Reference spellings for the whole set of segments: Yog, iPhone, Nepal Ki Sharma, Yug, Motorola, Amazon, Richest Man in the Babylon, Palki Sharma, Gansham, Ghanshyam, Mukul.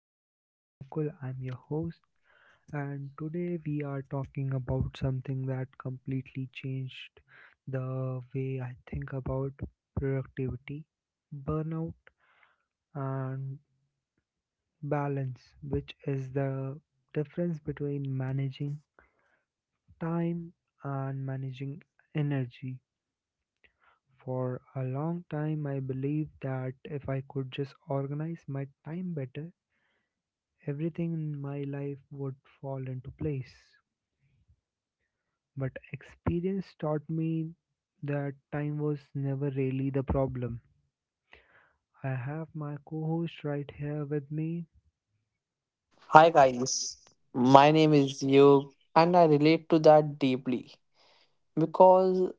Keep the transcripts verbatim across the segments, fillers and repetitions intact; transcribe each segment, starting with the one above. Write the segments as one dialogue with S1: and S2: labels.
S1: my name is Mukul. I'm your host, and today we are talking about something that completely changed the way I think about productivity, burnout, and balance, which is the difference between managing time and managing energy. For a long time, I believed that if I could just organize my time better, everything in my life would fall into place. But experience taught me that time was never really the problem. I have my co host right here with me.
S2: Hi
S1: Hi
S2: guys,
S1: guys,
S2: my
S1: my
S2: name
S1: name
S2: is
S1: is
S2: Yog,
S1: Yug.
S2: and I relate to that deeply because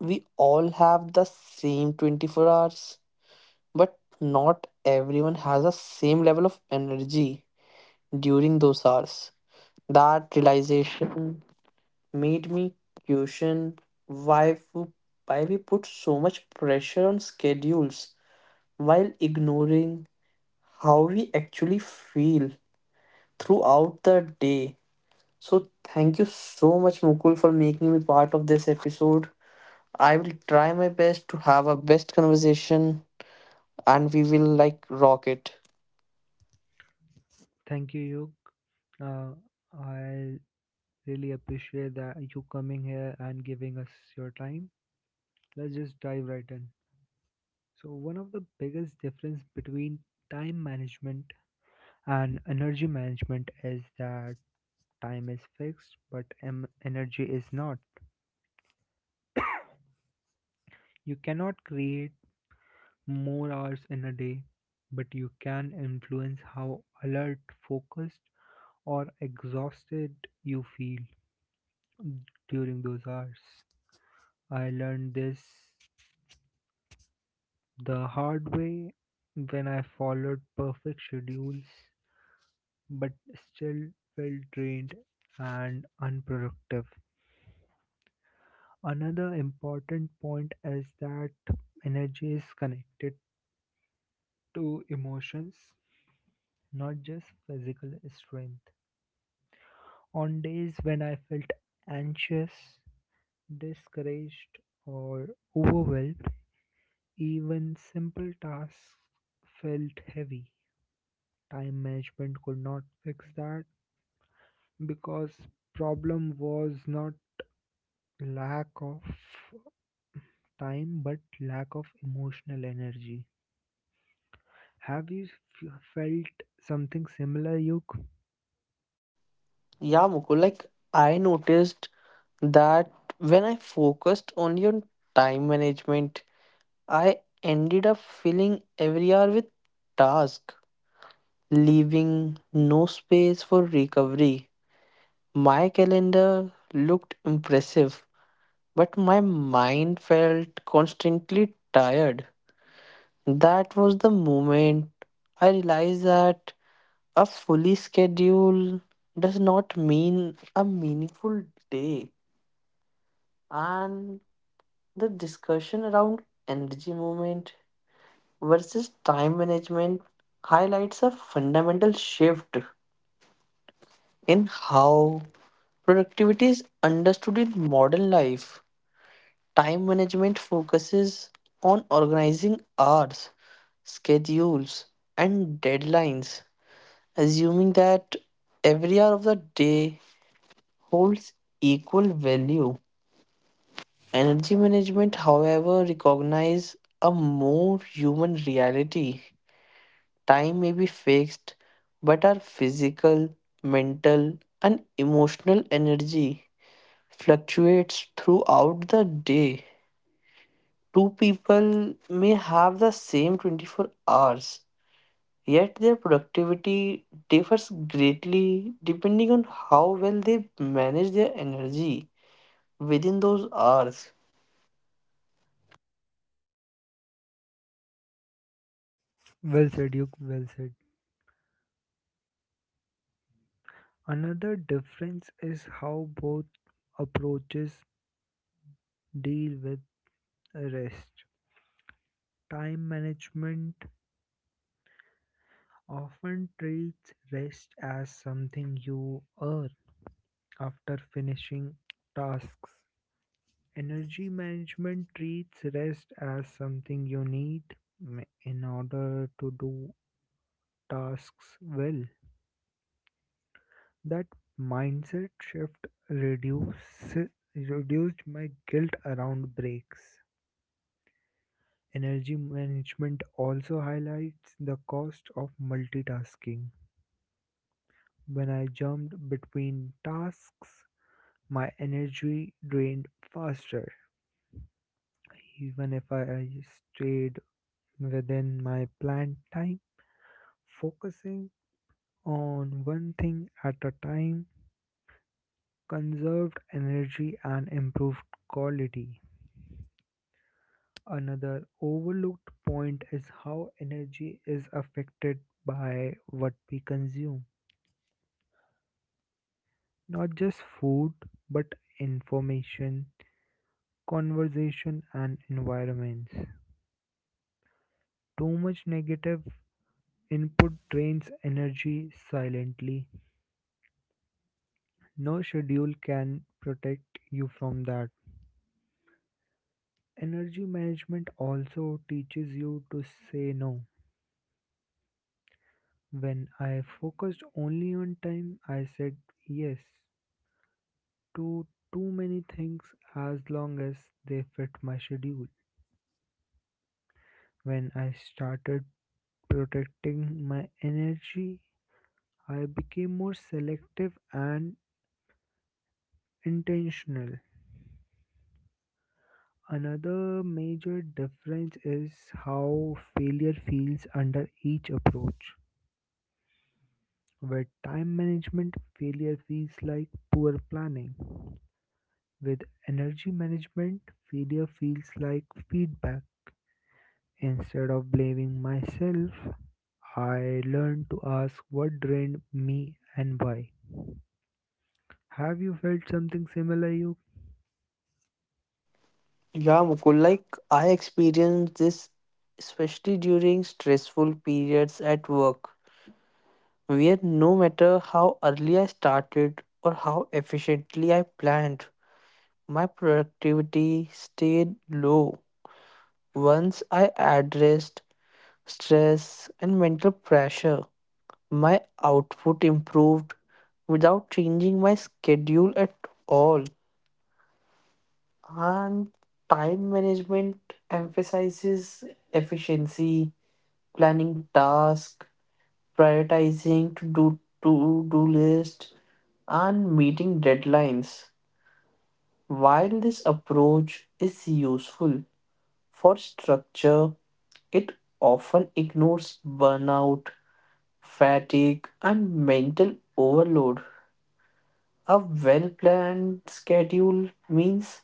S2: we all have the same twenty-four hours but not everyone has the same level of energy during those hours. That realization made me question why we, why we put so much pressure on schedules while ignoring how we actually feel throughout the day. So thank you so much, Mukul, for making me part of this episode. I will try my best to have a best conversation and we will like rock it.
S1: Thank you, Yug. Uh, I really appreciate that you coming here and giving us your time. Let's just dive right in. So, one of the biggest difference between time management and energy management is that time is fixed, but em- energy is not. You cannot create more hours in a day, but you can influence how alert, focused, or exhausted you feel during those hours. I learned this the hard way when I followed perfect schedules but still felt drained and unproductive. Another important point is that energy is connected to emotions, not just physical strength. On days when I felt anxious, discouraged, or overwhelmed, even simple tasks felt heavy. Time management could not fix that because problem was not lack of time but lack of emotional energy. Have you f- felt something similar, Yuk?
S2: Yeah, Mukul, like I noticed that when I focused only on time management, I ended up filling every hour with task, leaving no space for recovery. My calendar looked impressive, but my mind felt constantly tired. That was the moment I realized that a fully schedule does not mean a meaningful day. And the discussion around energy movement versus time management highlights a fundamental shift in how productivity is understood in modern life. Time management focuses on organizing hours schedules, and deadlines, assuming that every hour of the day holds equal value. Energy management, however, recognizes a more human reality. Time may be fixed, but our physical, mental, and emotional energy fluctuates throughout the day. Two people may have the same twenty-four hours, yet their productivity differs greatly depending on how well they manage their energy within those hours.
S1: Well said, Yuk. Well said. Another difference is how both approaches deal with rest. Time management often treats rest as something you earn after finishing tasks. Energy management treats rest as something you need m- in order to do tasks well. That mindset shift reduce, reduced my guilt around breaks. Energy management also highlights the cost of multitasking. When I jumped between tasks, my energy drained faster. Even if I stayed within my planned time, focusing on one thing at a time conserved energy and improved quality. Another overlooked point is how energy is affected by what we consume. Not just food, but information, conversation, and environments. Too much negative input drains energy silently. No schedule can protect you from that. Energy management also teaches you to say no. When I focused only on time, I said yes to too many things as long as they fit my schedule. When I started protecting my energy, I became more selective and intentional. Another major difference is how failure feels under each approach. With time management, failure feels like poor planning. With energy management, failure feels like feedback. Instead of blaming myself, I learned to ask what drained me and why. Have you felt something similar, you?
S2: Yeah, Mukul, like I experienced this especially during stressful periods at work, where no matter how early I started or how efficiently I planned, my productivity stayed low. Once I addressed stress and mental pressure, my output improved without changing my schedule at all. And time management emphasizes efficiency, planning tasks, prioritizing to do to do list, and meeting deadlines. While this approach is useful for structure, it often ignores burnout, fatigue, and mental overload. A well planned schedule means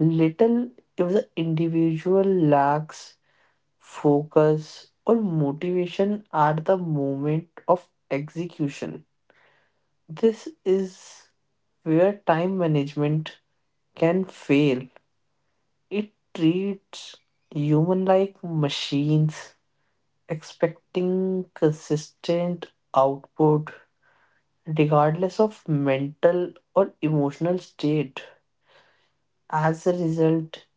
S2: little if the individual lacks focus or motivation at the moment of execution. This is where time management can fail. It treats human like machines, expecting consistent output regardless of mental or emotional state. As a result,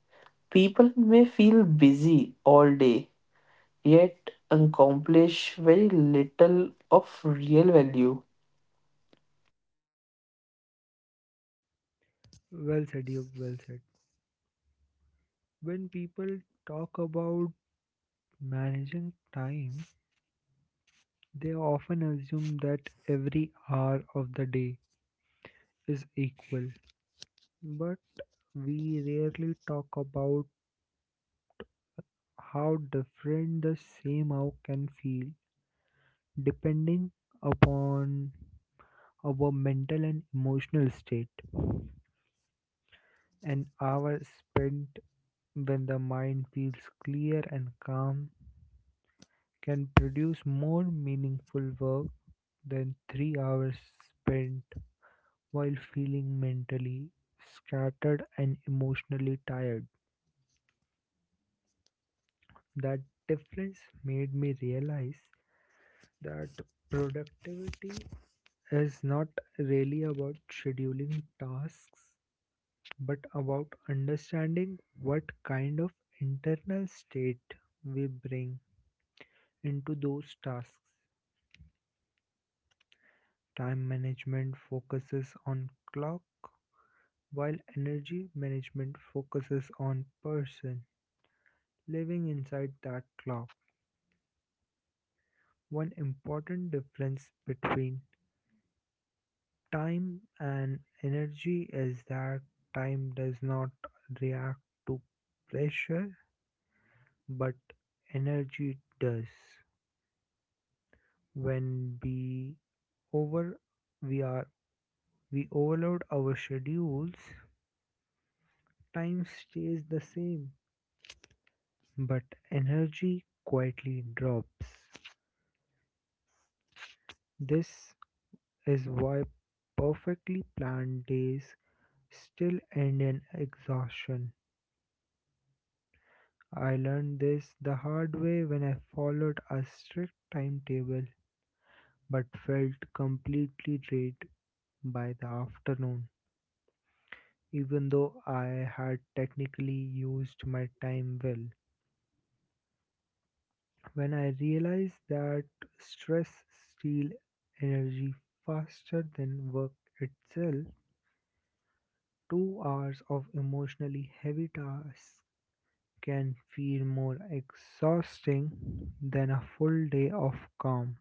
S2: people may feel busy all day yet accomplish very little of real value.
S1: Well said, you, well said. When people talk about managing time, they often assume that every hour of the day is equal. But we rarely talk about how different the same hour can feel depending upon our mental and emotional state. An hour spent when the mind feels clear and calm can produce more meaningful work then three hours spent while feeling mentally scattered and emotionally tired. That difference made me realize that productivity is not really about scheduling tasks but about understanding what kind of internal state we bring into those tasks. Time management focuses on clock, while energy management focuses on person living inside that clock. One important difference between time and energy is that time does not react to pressure, but energy does. When we over we are we overload our schedules, time stays the same, but energy quietly drops. This is why perfectly planned days still end in exhaustion. I learned this the hard way when I followed a strict timetable but felt completely drained by the afternoon, even though I had technically used my time well. When I realized that stress steals energy faster than work itself, two hours of emotionally heavy tasks can feel more exhausting than a full day of calm,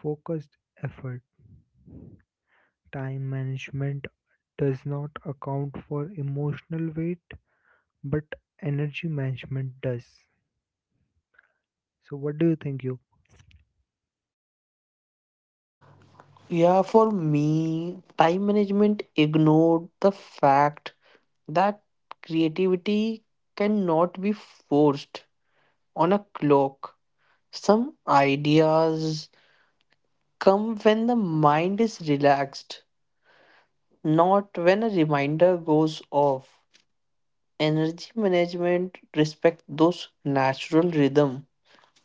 S1: focused effort. Time management does not account for emotional weight, but energy management does. So, what do you think, you?
S2: Yeah, for me, time management ignored the fact that creativity cannot be forced on a clock. Some ideas come when the mind is relaxed, not when a reminder goes off. Energy management respect those natural rhythm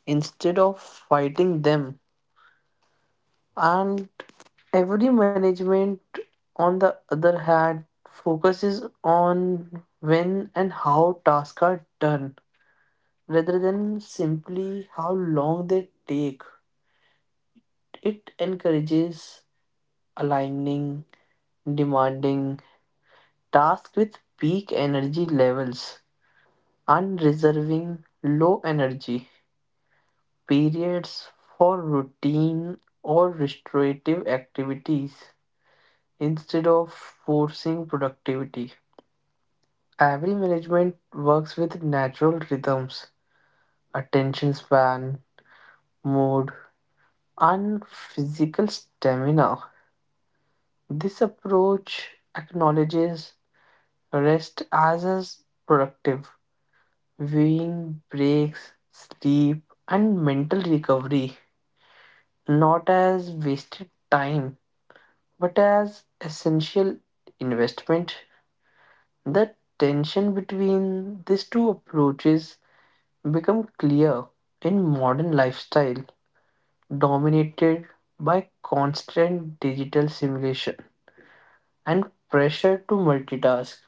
S2: instead of fighting them. And every management on the other hand focuses on when and how tasks are done rather than simply how long they take. It encourages aligning demanding tasks with peak energy levels and reserving low energy periods for routine or restorative activities instead of forcing productivity. Every management works with natural rhythms, attention span, mood, and physical stamina. This approach acknowledges rest as as productive, viewing breaks, sleep, and mental recovery, not as wasted time, but as essential investment. The tension between these two approaches become clear in modern lifestyle dominated by constant digital simulation and pressure to multitask.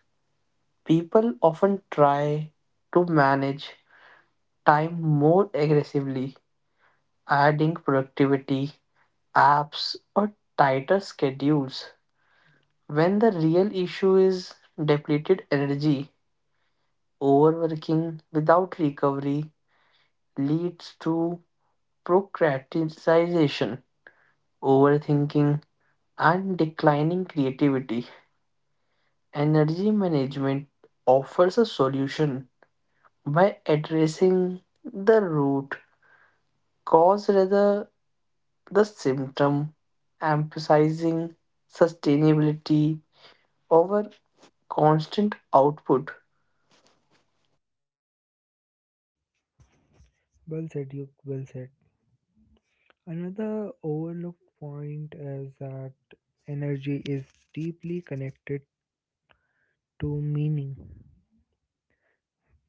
S2: People often try to manage time more aggressively, adding productivity apps or tighter schedules when the real issue is depleted energy. Overworking without recovery leads to procrastination, overthinking, and declining creativity. Energy management offers a solution by addressing the root cause rather the symptom, emphasizing sustainability over constant output.
S1: Well said, you. Well said. Another overlooked point is that energy is deeply connected to meaning.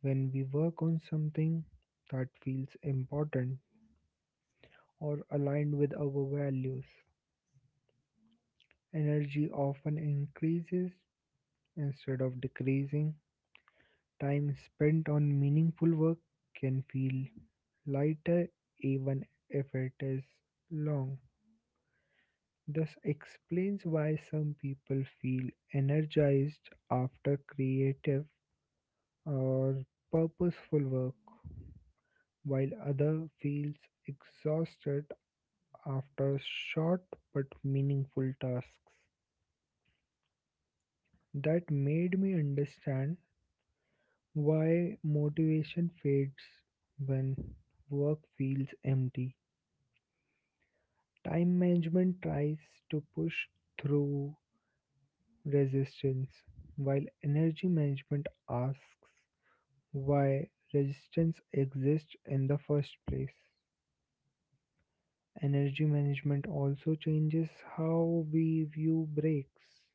S1: When we work on something that feels important, or aligned with our values, energy often increases instead of decreasing. Time spent on meaningful work can feel lighter even if it is long. This explains why some people feel energized after creative or purposeful work, while other feels exhausted after short but meaningful tasks. That made me understand why motivation fades when work feels empty. Time management tries to push through resistance, while energy management asks why resistance exists in the first place. Energy management also changes how we view breaks.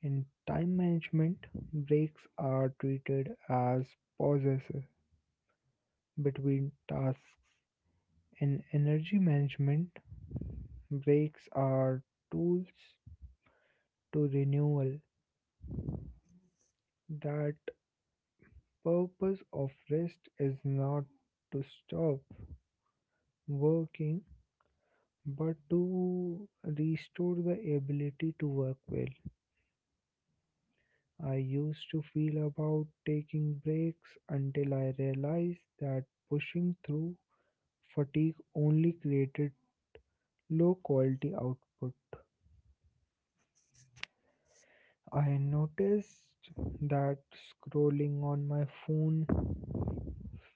S1: In time management, breaks are treated as pauses between tasks. In energy management, breaks are tools to renewal. That purpose of rest is not to stop working but to restore the ability to work well. I used to feel about taking breaks until I realized that pushing through fatigue only created low quality output. I noticed that scrolling on my phone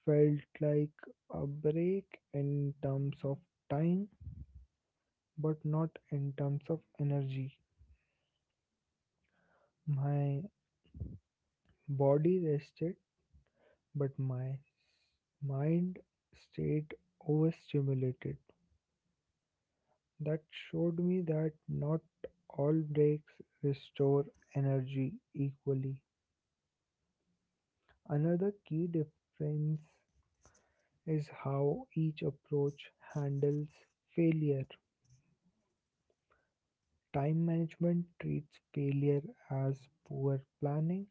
S1: felt like a break in terms of time, but not in terms of energy. My body rested, but my mind stayed overstimulated. That showed me that not all breaks restore energy equally. Another key difference is how each approach handles failure. Time management treats failure as poor planning.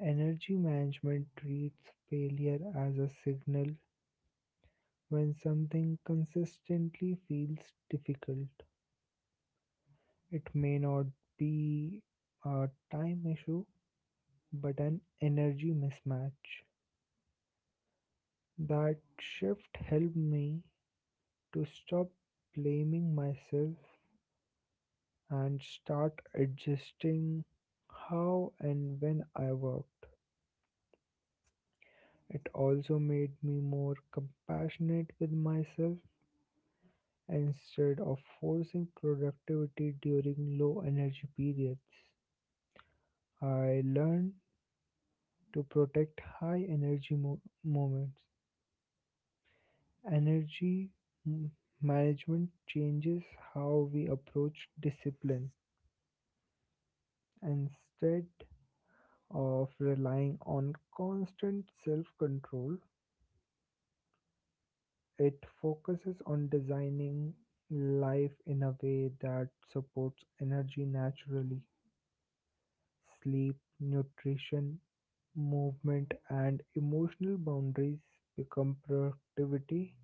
S1: Energy management treats failure as a signal when something consistently feels difficult. It may not be a time issue, but an energy mismatch. That shift helped me to stop blaming myself and start adjusting how and when I worked. It also made me more compassionate with myself instead of forcing productivity during low energy periods. I learned to protect high energy mo- moments. Energy m- management changes how we approach discipline instead of relying on constant self control. It focuses on designing life in a way that supports energy naturally. Sleep, nutrition, movement, and emotional boundaries become productivity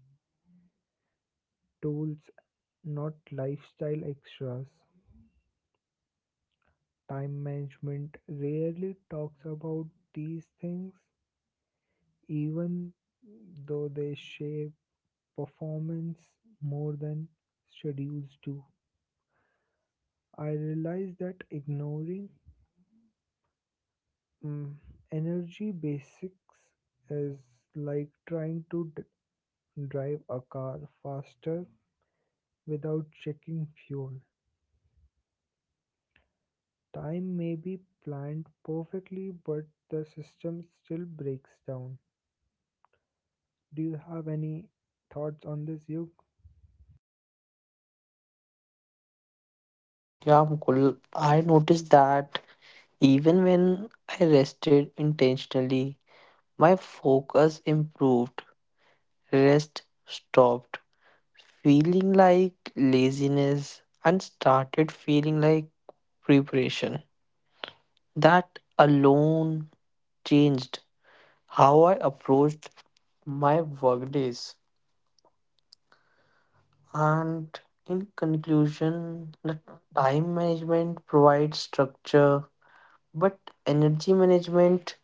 S1: tools, not lifestyle extras. Time management rarely talks about these things, even though they shape performance more than schedules do. I realized that ignoring mm, energy basics is like trying to d- drive a car faster without checking fuel. Time may be planned perfectly, but the system still breaks down. Do you have any thoughts on this, Yuk?
S2: Yeah, Mukul, I noticed that even when I rested intentionally my focus improved, rest stopped feeling like laziness and started feeling like preparation. That alone changed how I approached my workdays. And in conclusion, the time management provides structure, but energy management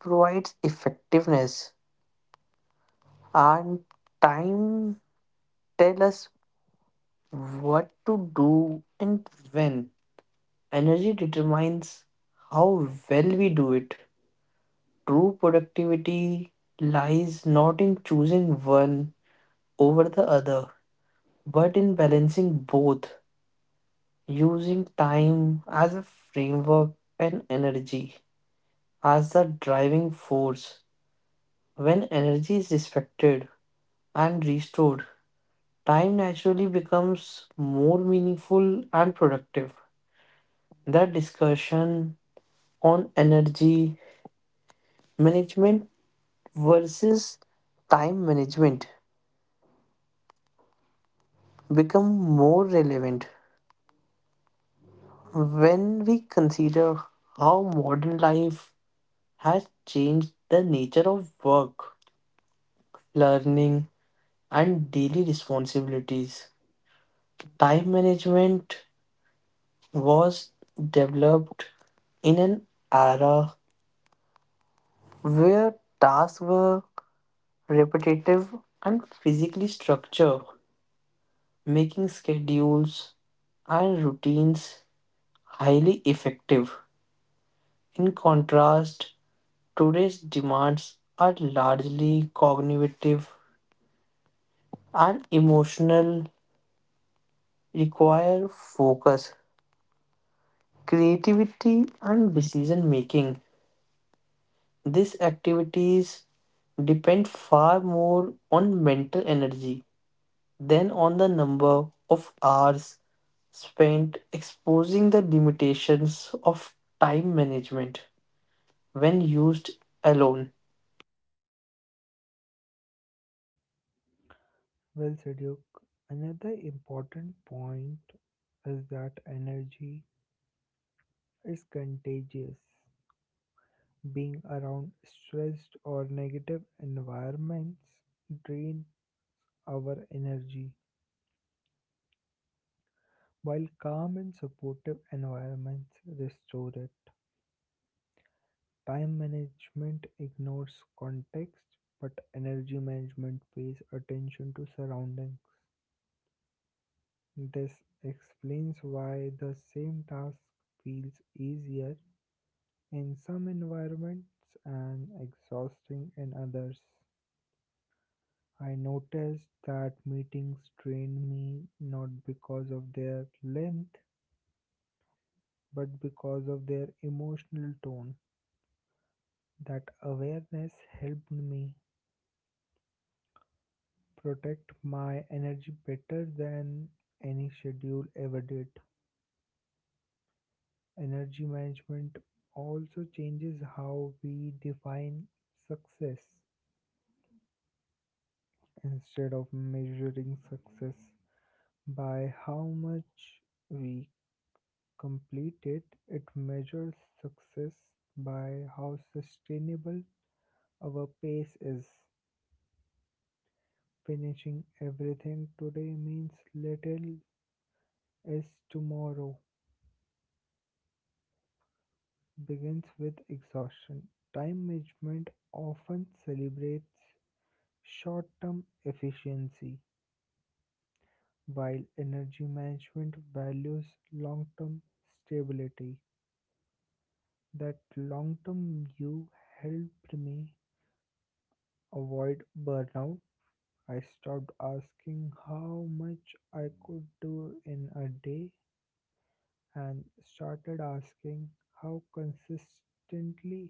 S2: provides effectiveness. And time tell us what to do and when. Energy determines how well we do it. True productivity lies not in choosing one over the other, but in balancing both, using time as a framework and energy as the driving force. When energy is respected and restored, time naturally becomes more meaningful and productive. The discussion on energy management versus time management become more relevant when we consider how modern life has changed the nature of work, learning, and daily responsibilities. Time management was developed in an era where tasks were repetitive and physically structured, making schedules and routines highly effective. In contrast, today's demands are largely cognitive and emotional, require focus, creativity, and decision making. These activities depend far more on mental energy than on the number of hours spent exposing the limitations of time management when used alone.
S1: Well said, Yuk. Another important point is that energy is contagious. Being around stressed or negative environments drain our energy, while calm and supportive environments restore it. Time management ignores context, but energy management pays attention to surroundings. This explains why the same task feels easier in some environments and exhausting in others. I noticed that meetings drained me not because of their length but because of their emotional tone. That awareness helped me protect my energy better than any schedule ever did. Energy management also changes how we define success. Instead of measuring success by how much we completed, it measures success by how sustainable our pace is. Finishing everything today means little is tomorrow begins with exhaustion. Time management often celebrates short-term efficiency, while energy management values long-term stability. That long-term view helped me avoid burnout. I stopped asking how much I could do in a day and started asking how consistently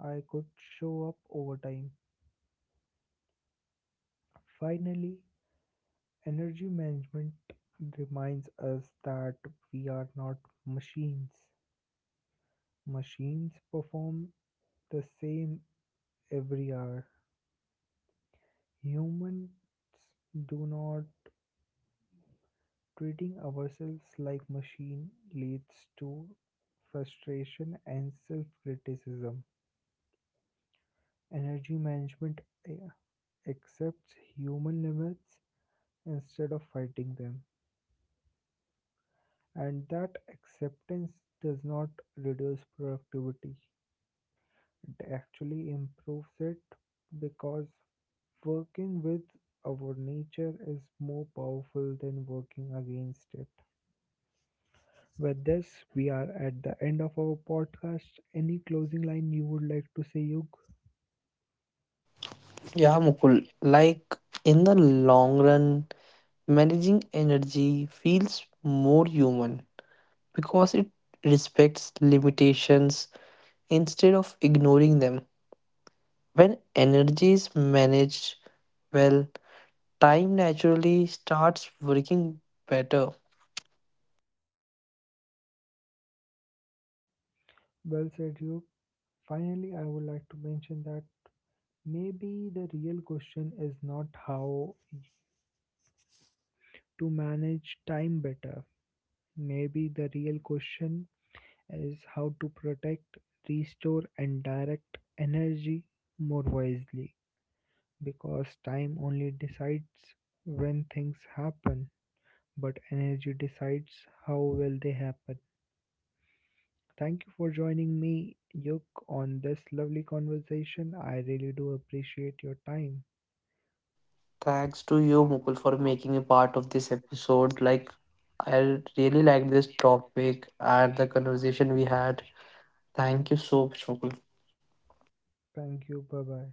S1: I could show up over time. Finally, energy management reminds us that we are not machines. Machines perform the same every hour. Humans do not. Treating ourselves like machines leads to frustration and self-criticism. Energy management eh, accepts human limits instead of fighting them, and that acceptance does not reduce productivity. It actually improves it because working with our nature is more powerful than working against it. With this, we are at the end of our podcast. Any closing line you would like to say, Yug?
S2: Yeah, Mukul, like in the long run, managing energy feels more human because it respects limitations instead of ignoring them. When energy is managed well, time naturally starts working better.
S1: Well said, Yug. Finally, I would like to mention that maybe the real question is not how to manage time better. Maybe the real question is how to protect, restore, and direct energy more wisely. Because time only decides when things happen, but energy decides how will they happen. Thank you for joining me, Yuk, on this lovely conversation. I really do appreciate your time.
S2: Thanks
S1: Thanks
S2: to
S1: to
S2: you,
S1: you,
S2: Mukul,
S1: Mukul,
S2: for
S1: for
S2: making me
S1: making me
S2: part
S1: part
S2: of
S1: of
S2: this
S1: this
S2: episode.
S1: episode.
S2: Like,
S1: Like,
S2: I
S1: I
S2: really
S1: really
S2: like
S1: like
S2: this
S1: this topic
S2: topic and
S1: and
S2: the
S1: the
S2: conversation
S1: conversation
S2: we
S1: we
S2: had.
S1: had.
S2: Thank
S1: Thank
S2: you
S1: you
S2: so
S1: so
S2: much,
S1: much,
S2: Mukul.
S1: Mukul. Thank you. Bye bye.